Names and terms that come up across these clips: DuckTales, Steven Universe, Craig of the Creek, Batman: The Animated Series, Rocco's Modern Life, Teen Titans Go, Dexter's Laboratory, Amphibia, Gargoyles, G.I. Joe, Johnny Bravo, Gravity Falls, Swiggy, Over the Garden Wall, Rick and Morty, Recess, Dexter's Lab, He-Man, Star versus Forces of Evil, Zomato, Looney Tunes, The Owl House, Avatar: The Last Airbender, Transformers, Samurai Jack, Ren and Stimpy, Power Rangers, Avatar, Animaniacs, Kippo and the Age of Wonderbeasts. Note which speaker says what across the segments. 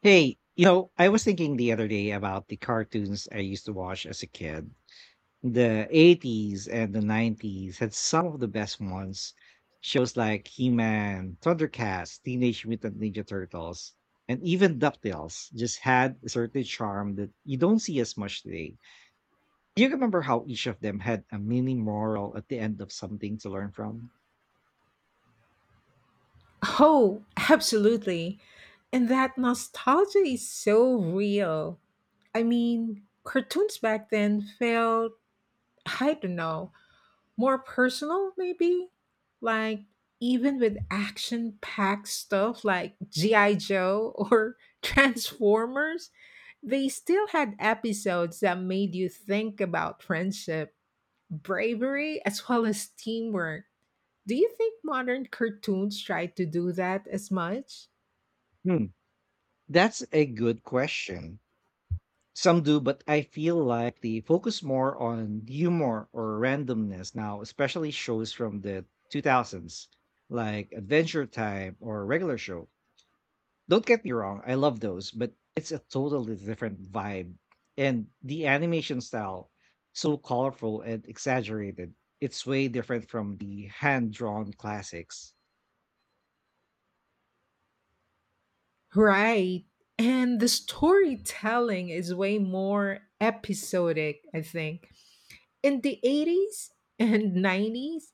Speaker 1: Hey, I was thinking the other day about the cartoons I used to watch as a kid. The 80s and the 90s had some of the best ones. Shows like He-Man, Thundercats, Teenage Mutant Ninja Turtles, and even DuckTales just had a certain charm that you don't see as much today. Do you remember how each of them had a mini moral at the end of something to learn from?
Speaker 2: Oh, absolutely. And that nostalgia is so real. I mean, cartoons back then felt, I don't know, more personal, maybe? Like, even with action packed stuff like G.I. Joe or Transformers, they still had episodes that made you think about friendship, bravery, as well as teamwork. Do you think modern cartoons try to do that as much?
Speaker 1: Hmm, that's a good question. Some do, but I feel like they focus more on humor or randomness now, especially shows from the 2000s, like Adventure Time or Regular Show. Don't get me wrong, I love those, but it's a totally different vibe. And the animation style, so colorful and exaggerated, it's way different from the hand drawn classics.
Speaker 2: Right. And the storytelling is way more episodic, I think. In the 80s and 90s,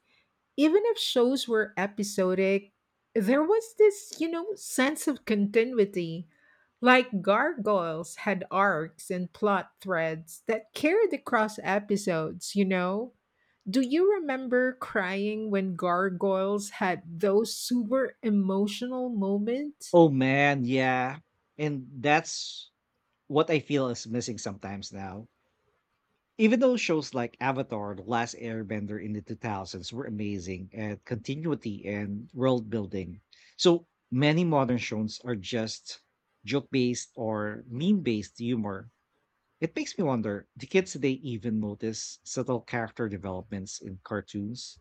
Speaker 2: even if shows were episodic, there was this sense of continuity. Like Gargoyles had arcs and plot threads that carried across episodes, Do you remember crying when Gargoyles had those super emotional moments?
Speaker 1: Oh man, yeah. And that's what I feel is missing sometimes now. Even though shows like Avatar: The Last Airbender in the 2000s were amazing at continuity and world building, so many modern shows are just joke-based or meme-based humor. It makes me wonder, do kids today even notice subtle character developments in cartoons?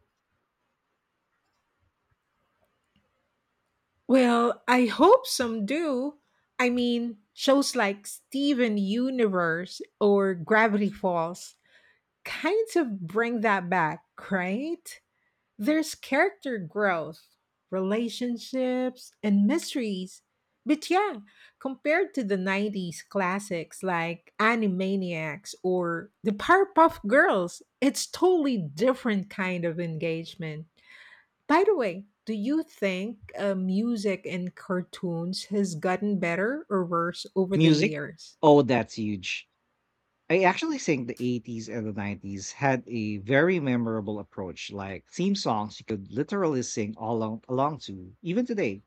Speaker 2: Well, I hope some do. I mean, shows like Steven Universe or Gravity Falls kind of bring that back, right? There's character growth, relationships, and mysteries. But yeah, compared to the 90s classics like Animaniacs or the Powerpuff Girls, it's totally different kind of engagement. By the way, do you think music in cartoons has gotten better or worse over the
Speaker 1: Music?
Speaker 2: years?
Speaker 1: Oh, that's huge. I actually think the 80s and the 90s had a very memorable approach, like theme songs you could literally sing along to, even today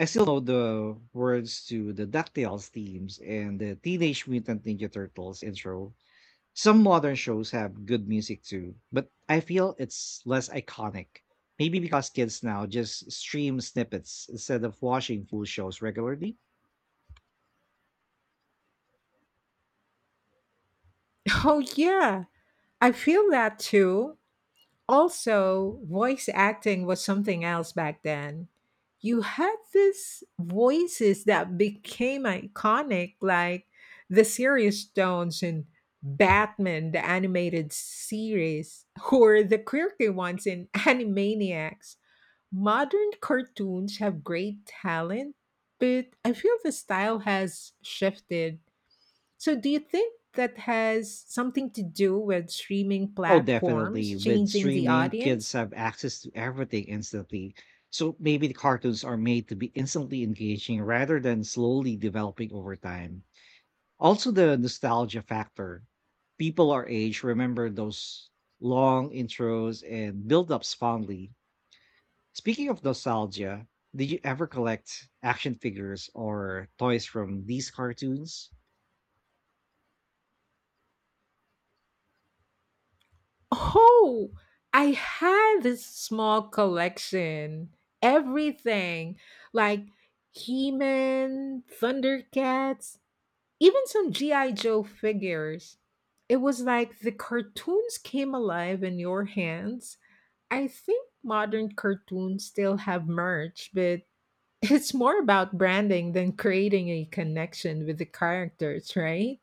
Speaker 1: I still know the words to the DuckTales themes and the Teenage Mutant Ninja Turtles intro. Some modern shows have good music too, but I feel it's less iconic. Maybe because kids now just stream snippets instead of watching full shows regularly.
Speaker 2: Oh, yeah, I feel that too. Also, voice acting was something else back then. You had these voices that became iconic, like the serious Stones in Batman, the animated series, or the quirky ones in Animaniacs. Modern cartoons have great talent, but I feel the style has shifted. So, do you think that has something to do with streaming
Speaker 1: Oh,
Speaker 2: platforms
Speaker 1: definitely. With
Speaker 2: changing the
Speaker 1: streaming, kids
Speaker 2: audience?
Speaker 1: have access to everything instantly. So maybe the cartoons are made to be instantly engaging rather than slowly developing over time. Also the nostalgia factor. People our age remember those long intros and build-ups fondly. Speaking of nostalgia, did you ever collect action figures or toys from these cartoons?
Speaker 2: Oh, I had this small collection. Everything like He Man, Thundercats, even some G.I. Joe figures. It was like the cartoons came alive in your hands. I think modern cartoons still have merch, but it's more about branding than creating a connection with the characters, right?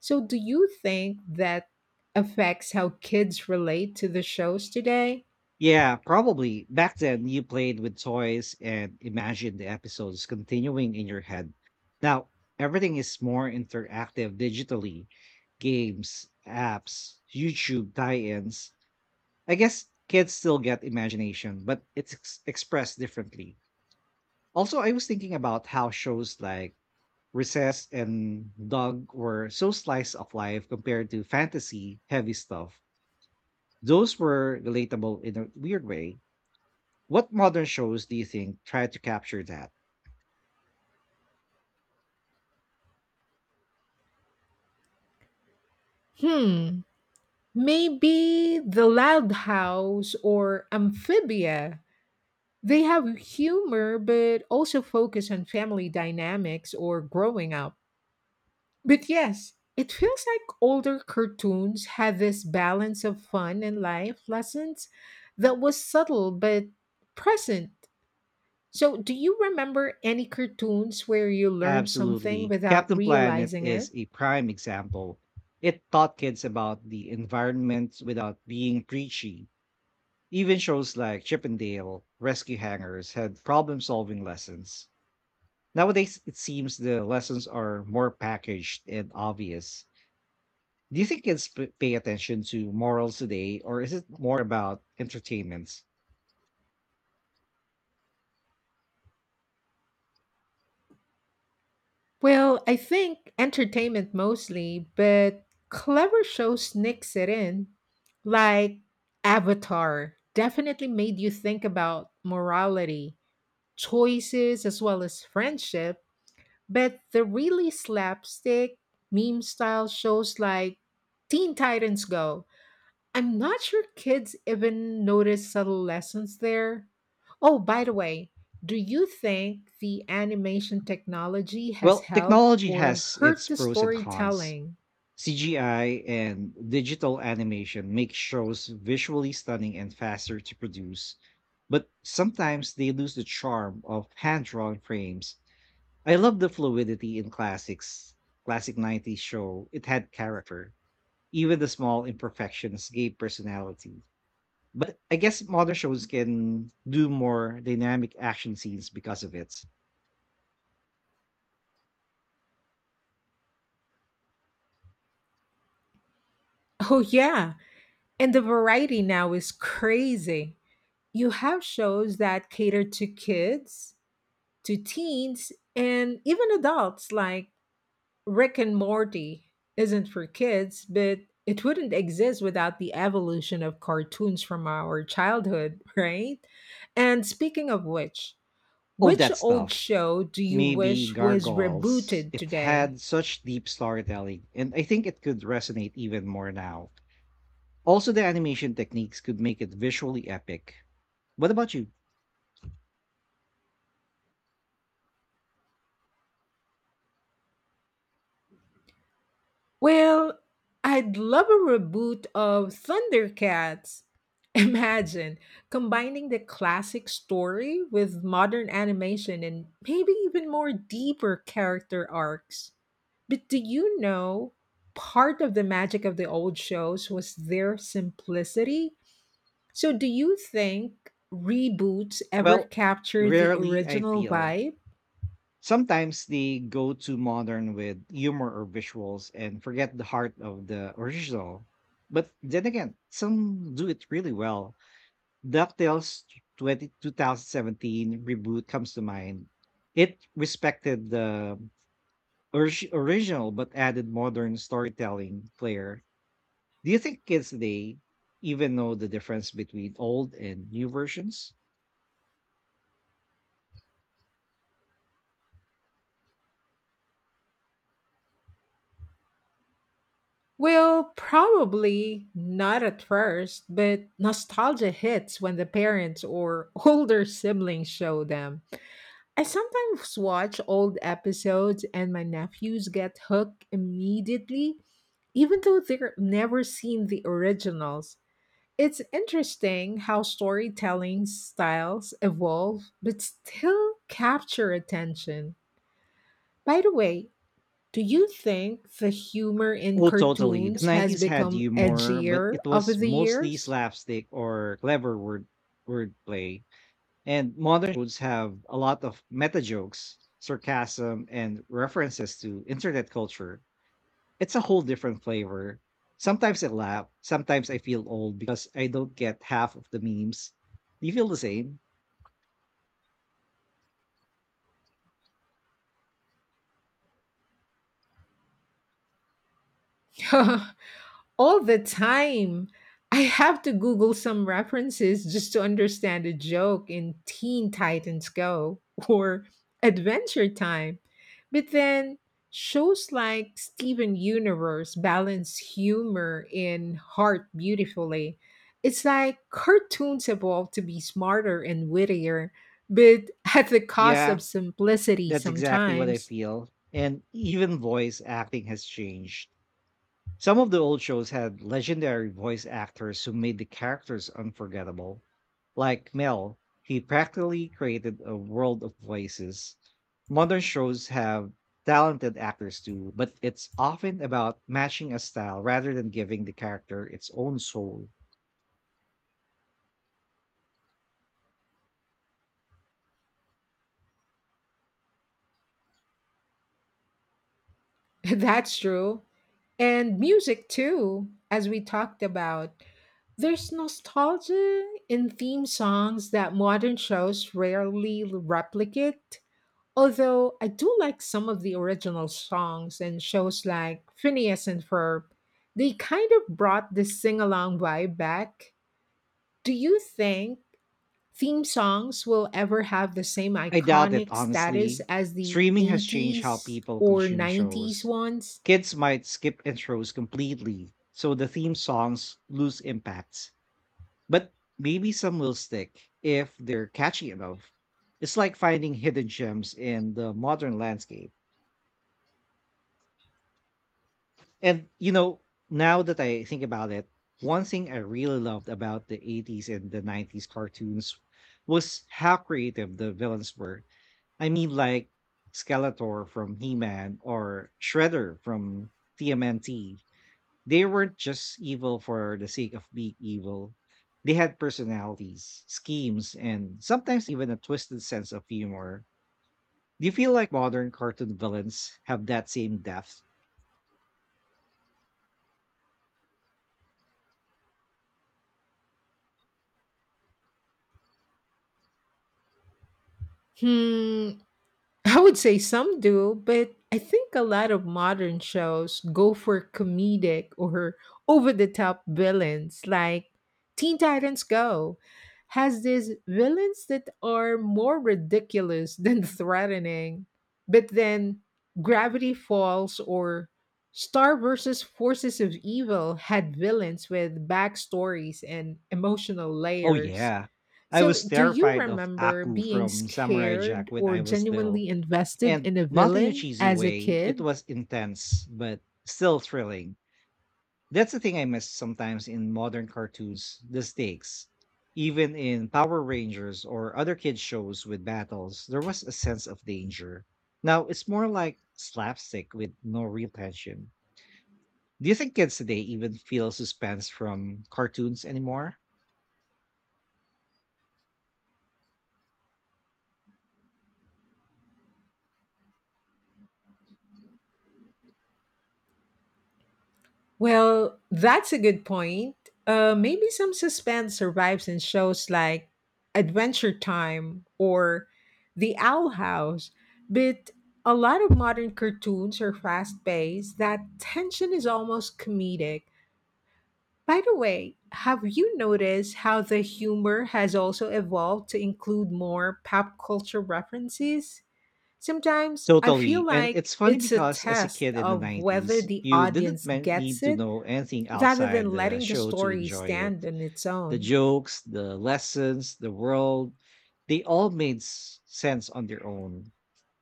Speaker 2: So, do you think that affects how kids relate to the shows today?
Speaker 1: Yeah, probably. Back then, you played with toys and imagined the episodes continuing in your head. Now, everything is more interactive digitally games, apps, YouTube tie ins, I guess kids still get imagination, but it's expressed differently. Also, I was thinking about how shows like Recess and Dog were so slice of life compared to fantasy heavy stuff. Those were relatable in a weird way. What modern shows do you think try to capture that?
Speaker 2: Hmm, maybe The Loud House or Amphibia. They have humor, but also focus on family dynamics or growing up. But yes, it feels like older cartoons had this balance of fun and life lessons that was subtle but present. So, do you remember any cartoons where you learned something
Speaker 1: Absolutely.
Speaker 2: without
Speaker 1: Captain Planet
Speaker 2: realizing
Speaker 1: is
Speaker 2: it?
Speaker 1: a prime example. It taught kids about the environment without being preachy. Even shows like Chip and Dale, Rescue Hangers had problem-solving lessons. Nowadays, it seems the lessons are more packaged and obvious. Do you think kids pay attention to morals today, or is it more about entertainment?
Speaker 2: Well, I think entertainment mostly, but clever shows nix it in, like Avatar. Definitely made you think about morality, choices, as well as friendship. But the really slapstick meme style shows like Teen Titans Go, I'm not sure kids even notice subtle lessons there. Oh, by the way, do you think the animation technology has
Speaker 1: Well,
Speaker 2: helped
Speaker 1: technology
Speaker 2: or
Speaker 1: has its
Speaker 2: hurt the
Speaker 1: pros and cons.
Speaker 2: storytelling?
Speaker 1: CGI and digital animation make shows visually stunning and faster to produce, but sometimes they lose the charm of hand drawn frames. I love the fluidity in classics. Classic 90s show. It had character. Even the small imperfections gave personality. But I guess modern shows can do more dynamic action scenes because of it.
Speaker 2: Oh, yeah. And the variety now is crazy. You have shows that cater to kids, to teens, and even adults like Rick and Morty isn't for kids, but it wouldn't exist without the evolution of cartoons from our childhood, right? And speaking of
Speaker 1: Oh,
Speaker 2: which
Speaker 1: that
Speaker 2: old
Speaker 1: stuff.
Speaker 2: show do you
Speaker 1: Maybe
Speaker 2: wish was
Speaker 1: Gargoyles.
Speaker 2: rebooted
Speaker 1: It
Speaker 2: today?
Speaker 1: had such deep storytelling, and I think it could resonate even more now. Also, the animation techniques could make it visually epic. What about you?
Speaker 2: Well, I'd love a reboot of Thundercats. Imagine combining the classic story with modern animation and maybe even more deeper character arcs. But do you know, part of the magic of the old shows was their simplicity? So do you think reboots ever
Speaker 1: Well,
Speaker 2: capture the
Speaker 1: rarely I
Speaker 2: original
Speaker 1: feel.
Speaker 2: vibe?
Speaker 1: Sometimes they go too modern with humor or visuals and forget the heart of the original. But then again, some do it really well. DuckTales 20 2017 reboot comes to mind. It respected the original but added modern storytelling flair. Do you think kids today even know the difference between old and new versions?
Speaker 2: Well, probably not at first, but nostalgia hits when the parents or older siblings show them. I sometimes watch old episodes and my nephews get hooked immediately, even though they've never seen the originals. It's interesting how storytelling styles evolve but still capture attention. By the way, do you think the humor in
Speaker 1: Oh, totally. The
Speaker 2: cartoons has
Speaker 1: 90s had
Speaker 2: become
Speaker 1: humor, but
Speaker 2: edgier
Speaker 1: it
Speaker 2: over
Speaker 1: was
Speaker 2: the
Speaker 1: mostly
Speaker 2: years?
Speaker 1: slapstick or clever wordplay. And modern shows have a lot of meta jokes, sarcasm, and references to internet culture. It's a whole different flavor. Sometimes I laugh, sometimes I feel old because I don't get half of the memes. Do you feel the same?
Speaker 2: All the time. I have to Google some references just to understand a joke in Teen Titans Go or Adventure Time. But then shows like Steven Universe balance humor and heart beautifully. It's like cartoons evolve to be smarter and wittier, but at the cost
Speaker 1: Yeah,
Speaker 2: of simplicity
Speaker 1: that's exactly what I
Speaker 2: sometimes.
Speaker 1: feel. And even voice acting has changed. Some of the old shows had legendary voice actors who made the characters unforgettable. Like Mel, he practically created a world of voices. Modern shows have talented actors too, but it's often about matching a style rather than giving the character its own soul.
Speaker 2: That's true. And music too, as we talked about. There's nostalgia in theme songs that modern shows rarely replicate. Although I do like some of the original songs and shows like Phineas and Ferb, they kind of brought this sing along vibe back. Do you think theme songs will ever have the same
Speaker 1: I doubt it,
Speaker 2: iconic status
Speaker 1: honestly.
Speaker 2: as the
Speaker 1: Streaming has changed how
Speaker 2: 80s
Speaker 1: people
Speaker 2: or
Speaker 1: consume
Speaker 2: 90s
Speaker 1: shows.
Speaker 2: ones?
Speaker 1: Kids might skip intros completely, so the theme songs lose impact. But maybe some will stick if they're catchy enough. It's like finding hidden gems in the modern landscape. And, now that I think about it, one thing I really loved about the 80s and the 90s cartoons was how creative the villains were. I mean, like Skeletor from He Man or Shredder from TMNT. They weren't just evil for the sake of being evil. They had personalities, schemes, and sometimes even a twisted sense of humor. Do you feel like modern cartoon villains have that same depth?
Speaker 2: Hmm, I would say some do, but I think a lot of modern shows go for comedic or over the top villains, like Teen Titans Go has these villains that are more ridiculous than threatening. But then Gravity Falls or Star versus Forces of Evil had villains with backstories and emotional
Speaker 1: Oh,
Speaker 2: layers.
Speaker 1: yeah. I
Speaker 2: So,
Speaker 1: was
Speaker 2: do you
Speaker 1: terrified of
Speaker 2: remember
Speaker 1: Aku
Speaker 2: being
Speaker 1: from Samurai Jack
Speaker 2: scared
Speaker 1: when
Speaker 2: or
Speaker 1: I was little.
Speaker 2: genuinely invested
Speaker 1: And
Speaker 2: in a
Speaker 1: not in a
Speaker 2: villain
Speaker 1: cheesy
Speaker 2: as a
Speaker 1: way, it
Speaker 2: kid?
Speaker 1: was intense, but still thrilling. That's the thing I miss sometimes in modern cartoons, the stakes. Even in Power Rangers or other kids' shows with battles, there was a sense of danger. Now it's more like slapstick with no real tension. Do you think kids today even feel suspense from cartoons anymore?
Speaker 2: Well, that's a good point. Maybe some suspense survives in shows like Adventure Time or The Owl House, but a lot of modern cartoons are fast paced. That tension is almost comedic. By the way, have you noticed how the humor has also evolved to include more pop culture references? Sometimes I
Speaker 1: Totally.
Speaker 2: feel
Speaker 1: And
Speaker 2: like
Speaker 1: it's funny
Speaker 2: it's a
Speaker 1: because as a
Speaker 2: test
Speaker 1: kid in the
Speaker 2: of whether
Speaker 1: 90s,
Speaker 2: the
Speaker 1: you didn't
Speaker 2: audience
Speaker 1: men-
Speaker 2: gets
Speaker 1: need to
Speaker 2: it
Speaker 1: know anything
Speaker 2: rather
Speaker 1: outside
Speaker 2: than
Speaker 1: the
Speaker 2: letting the
Speaker 1: show to
Speaker 2: story
Speaker 1: enjoy
Speaker 2: stand
Speaker 1: it.
Speaker 2: on its
Speaker 1: The
Speaker 2: own.
Speaker 1: jokes, the lessons, the world, they all made sense on their own.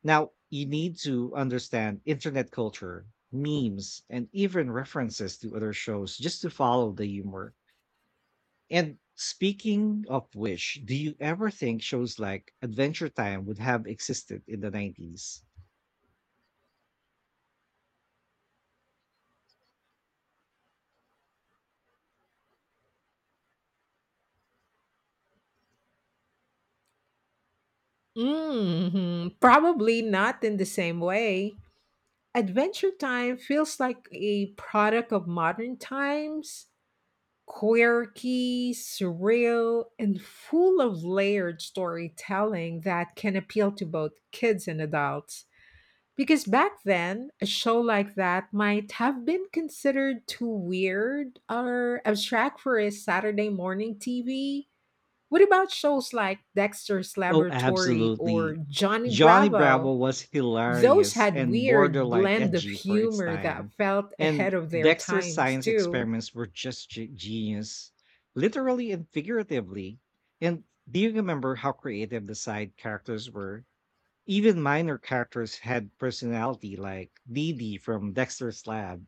Speaker 1: Now, you need to understand internet culture, memes, and even references to other shows just to follow the humor. And speaking of which, do you ever think shows like Adventure Time would have existed in the 90s?
Speaker 2: Hmm. Probably not in the same way. Adventure Time feels like a product of modern times, quirky, surreal, and full of layered storytelling that can appeal to both kids and adults. Because back then, a show like that might have been considered too weird or abstract for a Saturday morning TV. What about shows like Dexter's
Speaker 1: Oh,
Speaker 2: Laboratory or
Speaker 1: absolutely.
Speaker 2: Johnny
Speaker 1: Johnny Bravo
Speaker 2: Bravo?
Speaker 1: was
Speaker 2: Those
Speaker 1: hilarious
Speaker 2: had
Speaker 1: and
Speaker 2: weird
Speaker 1: borderline
Speaker 2: blend of
Speaker 1: edgy for its
Speaker 2: humor that
Speaker 1: time.
Speaker 2: felt ahead
Speaker 1: And
Speaker 2: of their
Speaker 1: Dexter's
Speaker 2: times
Speaker 1: science
Speaker 2: too.
Speaker 1: experiments were just genius, literally and figuratively. And do you remember how creative the side characters were? Even minor characters had personality, like Dee Dee from Dexter's Lab.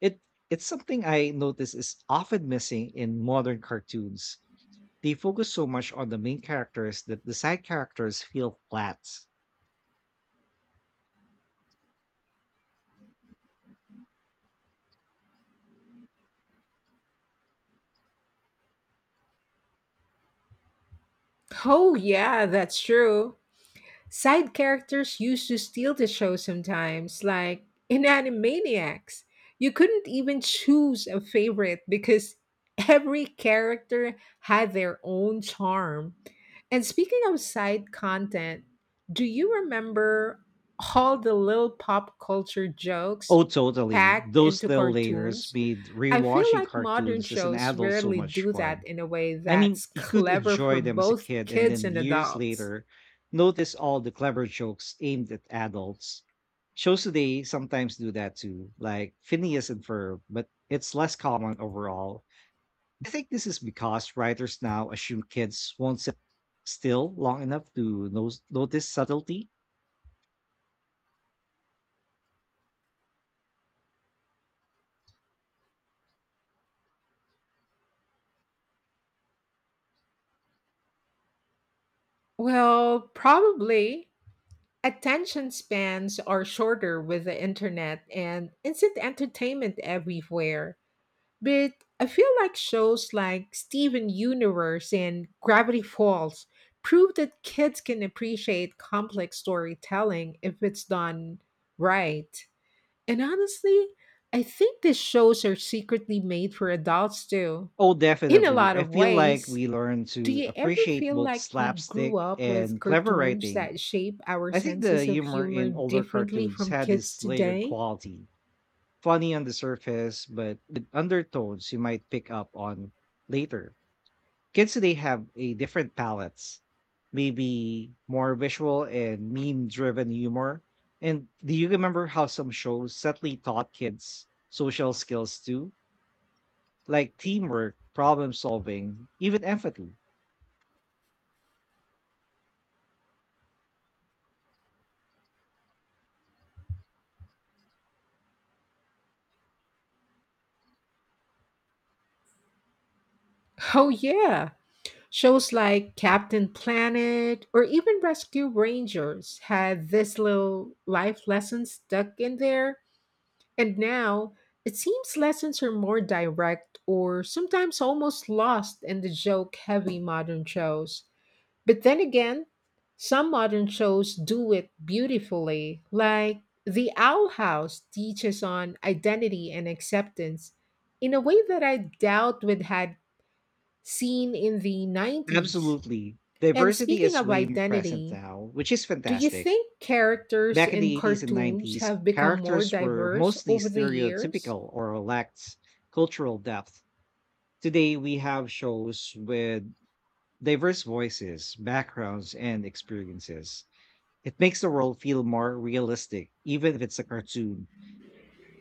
Speaker 1: It it's something I notice is often missing in modern cartoons. They focus so much on the main characters that the side characters feel flat.
Speaker 2: Oh yeah, that's true. Side characters used to steal the show sometimes, like in Animaniacs. You couldn't even choose a favorite because every character had their own charm. And speaking of side content, do you remember all the little pop culture jokes
Speaker 1: Oh, totally.
Speaker 2: packed
Speaker 1: Those
Speaker 2: into
Speaker 1: little layers
Speaker 2: cartoons?
Speaker 1: made
Speaker 2: I feel
Speaker 1: rewatching
Speaker 2: like modern
Speaker 1: cartoons as an
Speaker 2: shows
Speaker 1: adult so
Speaker 2: rarely
Speaker 1: much
Speaker 2: do that
Speaker 1: fun.
Speaker 2: in a way
Speaker 1: I mean,
Speaker 2: that's
Speaker 1: you could
Speaker 2: clever
Speaker 1: enjoy
Speaker 2: for
Speaker 1: them as a
Speaker 2: both
Speaker 1: kid and
Speaker 2: kids
Speaker 1: then
Speaker 2: and
Speaker 1: years
Speaker 2: adults.
Speaker 1: later notice all the clever jokes aimed at adults. Shows today sometimes do that too, like Phineas and Ferb, but it's less common overall. I think this is because writers now assume kids won't sit still long enough to notice subtlety.
Speaker 2: Well, probably. Attention spans are shorter with the internet and instant entertainment everywhere. But I feel like shows like Steven Universe and Gravity Falls prove that kids can appreciate complex storytelling if it's done right. And honestly, I think these shows are secretly made for adults too,
Speaker 1: Oh,
Speaker 2: in a
Speaker 1: definitely.
Speaker 2: lot
Speaker 1: I
Speaker 2: of
Speaker 1: feel like
Speaker 2: ways.
Speaker 1: we learn
Speaker 2: Do
Speaker 1: to
Speaker 2: you ever
Speaker 1: appreciate
Speaker 2: feel
Speaker 1: both
Speaker 2: like we grew
Speaker 1: slapstick
Speaker 2: up with
Speaker 1: and clever
Speaker 2: cartoons
Speaker 1: writing.
Speaker 2: that shape our
Speaker 1: I think the
Speaker 2: senses of
Speaker 1: humor
Speaker 2: humor
Speaker 1: in older
Speaker 2: differently
Speaker 1: cartoons
Speaker 2: from
Speaker 1: had
Speaker 2: kids
Speaker 1: this layered
Speaker 2: today?
Speaker 1: quality, funny on the surface, but with undertones you might pick up on later. Kids today have a different palettes, maybe more visual and meme driven humor. And do you remember how some shows subtly taught kids social skills too? Like teamwork, problem solving, even empathy.
Speaker 2: Oh, yeah. Shows like Captain Planet or even Rescue Rangers had this little life lesson stuck in there. And now, it seems lessons are more direct or sometimes almost lost in the joke heavy modern shows. But then again, some modern shows do it beautifully, like The Owl House teaches on identity and acceptance in a way that I doubt we'd had seen in the 90s.
Speaker 1: Absolutely.
Speaker 2: And
Speaker 1: Diversity
Speaker 2: speaking
Speaker 1: is
Speaker 2: of
Speaker 1: way more present
Speaker 2: identity,
Speaker 1: now, which is
Speaker 2: do you
Speaker 1: fantastic.
Speaker 2: think characters
Speaker 1: Back in
Speaker 2: in
Speaker 1: the 80s and
Speaker 2: cartoons
Speaker 1: 90s,
Speaker 2: have become more
Speaker 1: characters were
Speaker 2: diverse
Speaker 1: mostly
Speaker 2: over the years?
Speaker 1: stereotypical or lacked cultural depth. Today, we have shows with diverse voices, backgrounds, and experiences. It makes the world feel more realistic, even if it's a cartoon.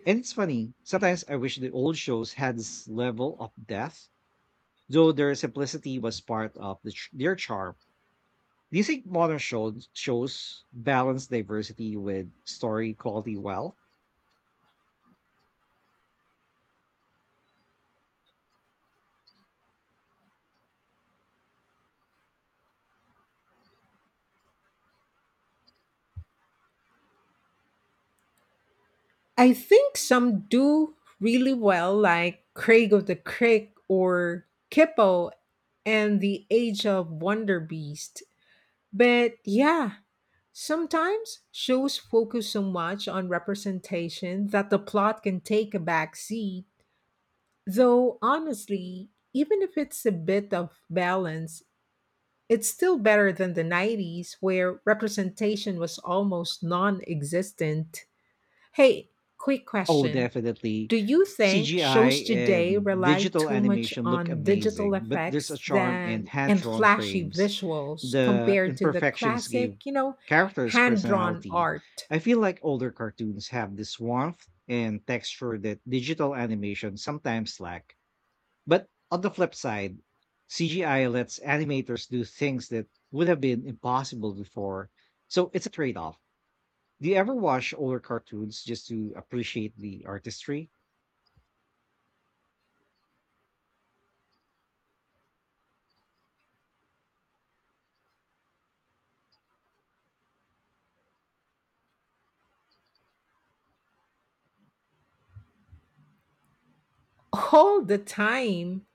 Speaker 1: And it's funny, sometimes I wish the old shows had this level of depth, though their simplicity was part of their charm. Do you think modern shows balance diversity with story quality well?
Speaker 2: I think some do really well, like Craig of the Creek or Kippo and the Age of Wonder Beast. But yeah, sometimes shows focus so much on representation that the plot can take a back seat. Though honestly, even if it's a bit of balance, it's still better than the 90s where representation was almost non existent. Hey, quick
Speaker 1: Oh,
Speaker 2: question.
Speaker 1: definitely.
Speaker 2: Do you think
Speaker 1: CGI
Speaker 2: shows today
Speaker 1: and
Speaker 2: rely
Speaker 1: digital
Speaker 2: too much
Speaker 1: animation look
Speaker 2: on digital
Speaker 1: amazing, but there's a
Speaker 2: effects
Speaker 1: charm in
Speaker 2: than and
Speaker 1: hand-drawn
Speaker 2: flashy
Speaker 1: frames.
Speaker 2: visuals
Speaker 1: The
Speaker 2: compared to the
Speaker 1: imperfections give
Speaker 2: classic,
Speaker 1: characters
Speaker 2: hand-drawn
Speaker 1: personality.
Speaker 2: art?
Speaker 1: I feel like older cartoons have this warmth and texture that digital animation sometimes lack. But on the flip side, CGI lets animators do things that would have been impossible before. So it's a trade off. Do you ever watch older cartoons just to appreciate the artistry?
Speaker 2: All the time.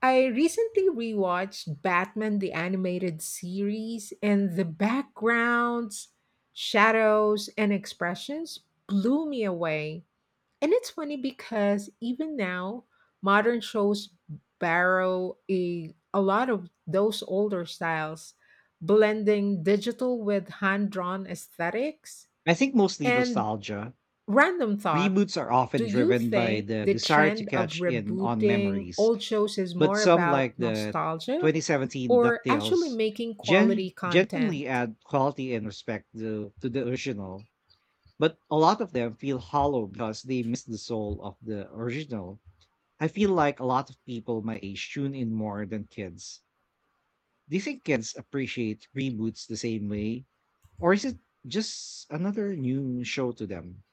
Speaker 2: I recently rewatched Batman the animated series and the backgrounds, shadows and expressions blew me away. And it's funny because even now, modern shows borrow a lot of those older styles, blending digital with hand drawn aesthetics.
Speaker 1: I think mostly
Speaker 2: And
Speaker 1: nostalgia.
Speaker 2: random thought,
Speaker 1: Reboots are
Speaker 2: do
Speaker 1: often
Speaker 2: you
Speaker 1: driven by
Speaker 2: think
Speaker 1: the
Speaker 2: the
Speaker 1: desire to
Speaker 2: trend of
Speaker 1: catch in on
Speaker 2: rebooting
Speaker 1: memories,
Speaker 2: old shows is
Speaker 1: but
Speaker 2: more
Speaker 1: some, like
Speaker 2: about
Speaker 1: the
Speaker 2: nostalgia
Speaker 1: 2017
Speaker 2: or actually
Speaker 1: DuckTales,
Speaker 2: making quality
Speaker 1: genuinely
Speaker 2: content?
Speaker 1: add quality and respect to the original. But a lot of them feel hollow because they miss the soul of the original. I feel like a lot of people my age tune in more than kids. Do you think kids appreciate reboots the same way? Or is it just another new show to them?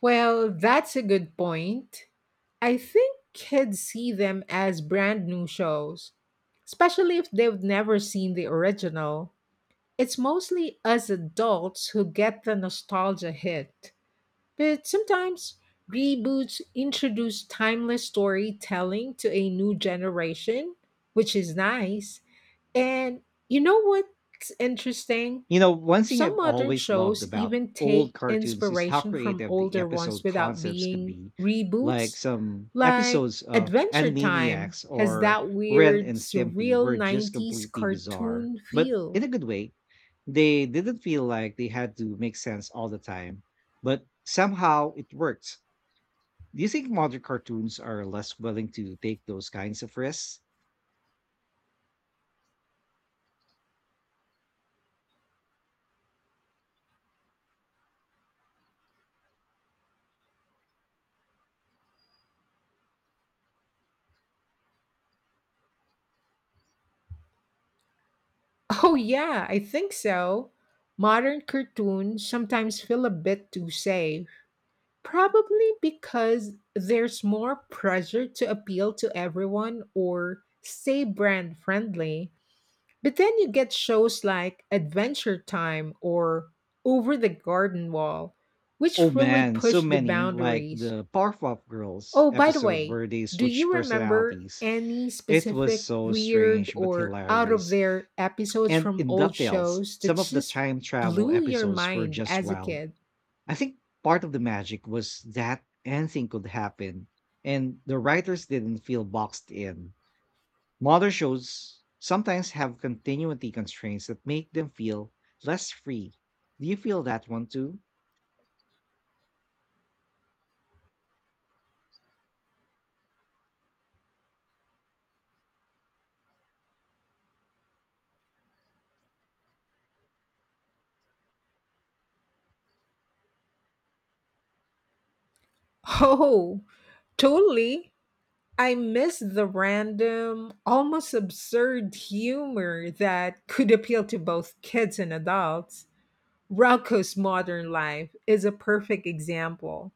Speaker 2: Well, that's a good point. I think kids see them as brand new shows, especially if they've never seen the original. It's mostly us adults who get the nostalgia hit. But sometimes reboots introduce timeless storytelling to a new generation, which is nice. And you know what's interesting?
Speaker 1: One thing
Speaker 2: Some
Speaker 1: I've
Speaker 2: modern
Speaker 1: always loved
Speaker 2: shows
Speaker 1: about
Speaker 2: even
Speaker 1: old
Speaker 2: take
Speaker 1: cartoons is how
Speaker 2: inspiration from
Speaker 1: creative the
Speaker 2: older
Speaker 1: episode
Speaker 2: ones without
Speaker 1: concepts could
Speaker 2: being
Speaker 1: be. Like
Speaker 2: reboots.
Speaker 1: some
Speaker 2: Like
Speaker 1: episodes of
Speaker 2: Adventure Time
Speaker 1: Animaniacs
Speaker 2: has
Speaker 1: or
Speaker 2: that
Speaker 1: Ren
Speaker 2: weird,
Speaker 1: and Stimpy
Speaker 2: surreal
Speaker 1: were just
Speaker 2: 90s
Speaker 1: completely bizarre,
Speaker 2: cartoon
Speaker 1: but
Speaker 2: feel.
Speaker 1: in a good way. They didn't feel like they had to make sense all the time, but somehow it worked. Do you think modern cartoons are less willing to take those kinds of risks?
Speaker 2: Oh, yeah, I think so. Modern cartoons sometimes feel a bit too safe, probably because there's more pressure to appeal to everyone or stay brand friendly. But then you get shows like Adventure Time or Over the Garden Wall,
Speaker 1: Oh
Speaker 2: which really
Speaker 1: man, so
Speaker 2: push the
Speaker 1: many, like
Speaker 2: boundaries.
Speaker 1: the Powerpuff Girls
Speaker 2: Oh, by the
Speaker 1: episode
Speaker 2: way,
Speaker 1: where they
Speaker 2: do
Speaker 1: switch
Speaker 2: you remember
Speaker 1: personalities.
Speaker 2: any
Speaker 1: It was
Speaker 2: specific
Speaker 1: so
Speaker 2: weird
Speaker 1: strange but
Speaker 2: or out of
Speaker 1: hilarious.
Speaker 2: their episodes
Speaker 1: And
Speaker 2: from
Speaker 1: in
Speaker 2: old
Speaker 1: DuckTales,
Speaker 2: shows that
Speaker 1: some of the
Speaker 2: just
Speaker 1: time travel
Speaker 2: blew your
Speaker 1: episodes were
Speaker 2: mind
Speaker 1: just
Speaker 2: as a
Speaker 1: wild.
Speaker 2: kid?
Speaker 1: I think part of the magic was that anything could happen, and the writers didn't feel boxed in. Modern shows sometimes have continuity constraints that make them feel less free. Do you feel that one too?
Speaker 2: Oh, totally. I miss the random, almost absurd humor that could appeal to both kids and adults. Rocco's Modern Life is a perfect example.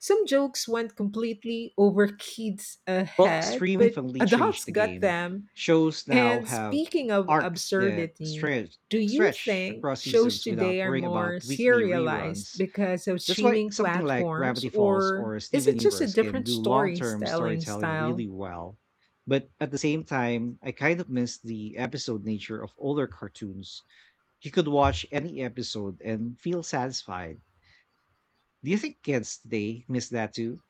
Speaker 2: Some jokes went completely over kids'
Speaker 1: Well,
Speaker 2: head,
Speaker 1: streaming
Speaker 2: but
Speaker 1: finally
Speaker 2: adults
Speaker 1: changed the
Speaker 2: got
Speaker 1: game.
Speaker 2: them.
Speaker 1: Shows now
Speaker 2: And
Speaker 1: have
Speaker 2: speaking of
Speaker 1: arcs that
Speaker 2: absurdity,
Speaker 1: stretch
Speaker 2: do you
Speaker 1: stretch
Speaker 2: think
Speaker 1: across
Speaker 2: shows
Speaker 1: seasons without
Speaker 2: today are
Speaker 1: worrying
Speaker 2: more
Speaker 1: about weekly
Speaker 2: serialized
Speaker 1: reruns.
Speaker 2: because of
Speaker 1: That's why
Speaker 2: streaming
Speaker 1: something like
Speaker 2: platforms,
Speaker 1: Gravity Falls
Speaker 2: or
Speaker 1: or
Speaker 2: is
Speaker 1: Steven
Speaker 2: it just a
Speaker 1: Universe can
Speaker 2: different
Speaker 1: do long-term
Speaker 2: storytelling
Speaker 1: storytelling
Speaker 2: style?
Speaker 1: really well. But at the same time, I kind of miss the episode nature of older cartoons. You could watch any episode and feel satisfied. Do you think kids today miss that too?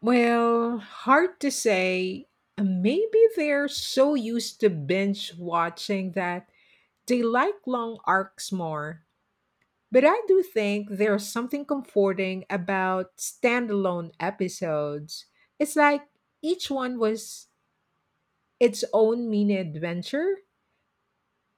Speaker 2: Well, hard to say. Maybe they're so used to binge watching that they like long arcs more, but I do think there's something comforting about standalone episodes. It's like each one was its own mini adventure,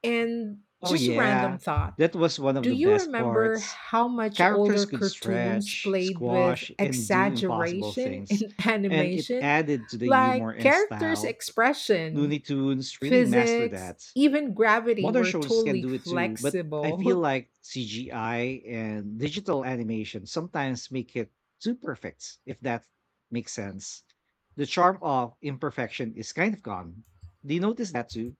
Speaker 2: and
Speaker 1: Oh
Speaker 2: just a
Speaker 1: yeah,
Speaker 2: random thought.
Speaker 1: that was one of
Speaker 2: Do
Speaker 1: the
Speaker 2: you
Speaker 1: best
Speaker 2: remember
Speaker 1: parts.
Speaker 2: how much
Speaker 1: Characters
Speaker 2: older
Speaker 1: could
Speaker 2: cartoons
Speaker 1: stretch,
Speaker 2: played with
Speaker 1: squash, and do impossible
Speaker 2: exaggeration
Speaker 1: things,
Speaker 2: in
Speaker 1: and it
Speaker 2: animation?
Speaker 1: added to the humor
Speaker 2: Like
Speaker 1: and
Speaker 2: characters'
Speaker 1: style.
Speaker 2: expression,
Speaker 1: Looney Tunes really mastered
Speaker 2: physics,
Speaker 1: that.
Speaker 2: even gravity
Speaker 1: Modern
Speaker 2: were
Speaker 1: shows can
Speaker 2: totally
Speaker 1: do it too, but I feel
Speaker 2: flexible.
Speaker 1: like CGI and digital animation sometimes make it too perfect, if that makes sense. The charm of imperfection is kind of gone. Do you notice that too?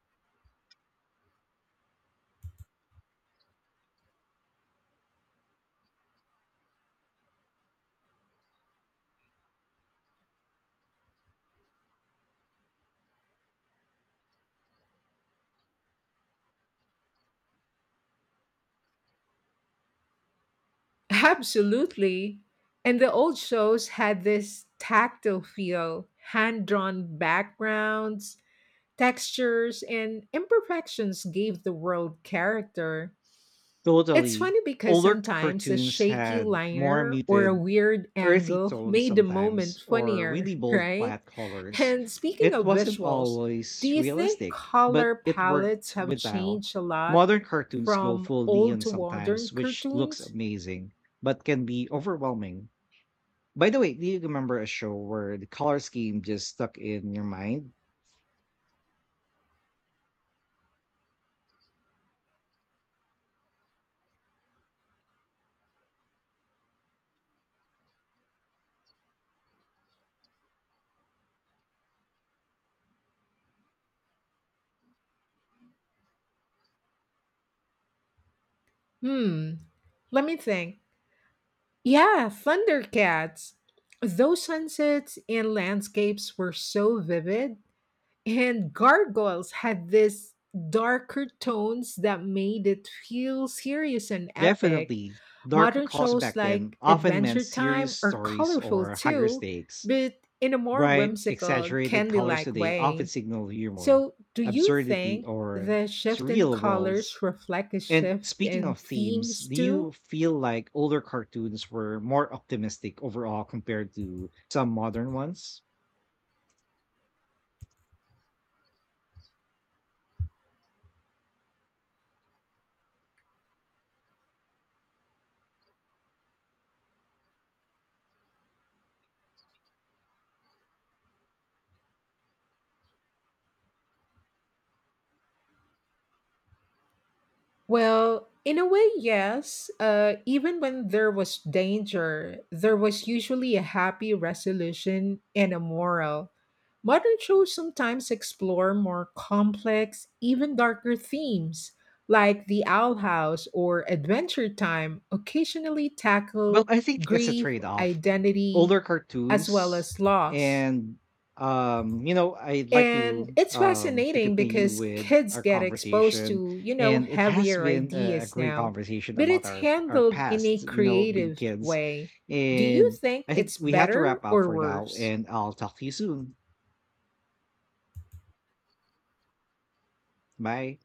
Speaker 2: Absolutely. And the old shows had this tactile feel, hand drawn backgrounds, textures, and imperfections gave the world character. It's
Speaker 1: Totally.
Speaker 2: funny because
Speaker 1: Older
Speaker 2: sometimes a
Speaker 1: cartoons
Speaker 2: shaky
Speaker 1: had more
Speaker 2: liner or a
Speaker 1: muted
Speaker 2: weird
Speaker 1: earthy
Speaker 2: angle
Speaker 1: tones
Speaker 2: made the moment
Speaker 1: sometimes or
Speaker 2: funnier,
Speaker 1: really bold
Speaker 2: right?
Speaker 1: flat colors.
Speaker 2: And speaking
Speaker 1: It
Speaker 2: of
Speaker 1: wasn't
Speaker 2: visuals, do
Speaker 1: always
Speaker 2: you think
Speaker 1: realistic, but
Speaker 2: color
Speaker 1: it
Speaker 2: palettes
Speaker 1: worked
Speaker 2: have
Speaker 1: with style.
Speaker 2: changed a lot
Speaker 1: Modern cartoons go
Speaker 2: from
Speaker 1: full
Speaker 2: old
Speaker 1: neon
Speaker 2: to modern
Speaker 1: sometimes, which looks
Speaker 2: cartoons?
Speaker 1: amazing, but can be overwhelming. By the way, do you remember a show where the color scheme just stuck in your mind?
Speaker 2: Hmm. Let me think. Yeah, Thundercats. Those sunsets and landscapes were so vivid, and gargoyles had this darker tones that made it feel serious and epic.
Speaker 1: Definitely. Darker
Speaker 2: Modern
Speaker 1: colors
Speaker 2: shows
Speaker 1: back
Speaker 2: like
Speaker 1: then often meant
Speaker 2: Adventure
Speaker 1: serious
Speaker 2: Time are
Speaker 1: stories
Speaker 2: colorful
Speaker 1: or higher
Speaker 2: too,
Speaker 1: stakes.
Speaker 2: but in a more
Speaker 1: Bright,
Speaker 2: whimsical,
Speaker 1: exaggerated
Speaker 2: candy
Speaker 1: colors
Speaker 2: like
Speaker 1: today often
Speaker 2: way.
Speaker 1: signal humor,
Speaker 2: So, do you
Speaker 1: absurdity,
Speaker 2: think
Speaker 1: or
Speaker 2: the shift in
Speaker 1: surreal
Speaker 2: colors
Speaker 1: worlds.
Speaker 2: reflect a
Speaker 1: And
Speaker 2: shift
Speaker 1: speaking
Speaker 2: in
Speaker 1: of themes,
Speaker 2: themes
Speaker 1: do you
Speaker 2: too?
Speaker 1: feel like older cartoons were more optimistic overall compared to some modern ones?
Speaker 2: Well, in a way, yes. Even when there was danger, there was usually a happy resolution and a moral. Modern shows sometimes explore more complex, even darker themes, like The Owl House or Adventure Time, occasionally
Speaker 1: Well,
Speaker 2: tackle
Speaker 1: I think it's a
Speaker 2: grief,
Speaker 1: trade-off.
Speaker 2: identity,
Speaker 1: Older
Speaker 2: as well
Speaker 1: cartoons
Speaker 2: as loss.
Speaker 1: and I'd like to
Speaker 2: And it's
Speaker 1: um to
Speaker 2: fascinating
Speaker 1: continue
Speaker 2: because
Speaker 1: with
Speaker 2: kids
Speaker 1: our
Speaker 2: get exposed
Speaker 1: conversation.
Speaker 2: to, you know,
Speaker 1: And it has
Speaker 2: heavier
Speaker 1: been a
Speaker 2: ideas
Speaker 1: great
Speaker 2: now,
Speaker 1: conversation
Speaker 2: but
Speaker 1: about
Speaker 2: it's
Speaker 1: our
Speaker 2: handled in
Speaker 1: past,
Speaker 2: a
Speaker 1: being
Speaker 2: creative
Speaker 1: kids.
Speaker 2: way. Do you
Speaker 1: And
Speaker 2: think
Speaker 1: I think
Speaker 2: it's
Speaker 1: we have to
Speaker 2: better
Speaker 1: wrap up
Speaker 2: or
Speaker 1: for now,
Speaker 2: worse?
Speaker 1: and I'll talk to you soon. Bye.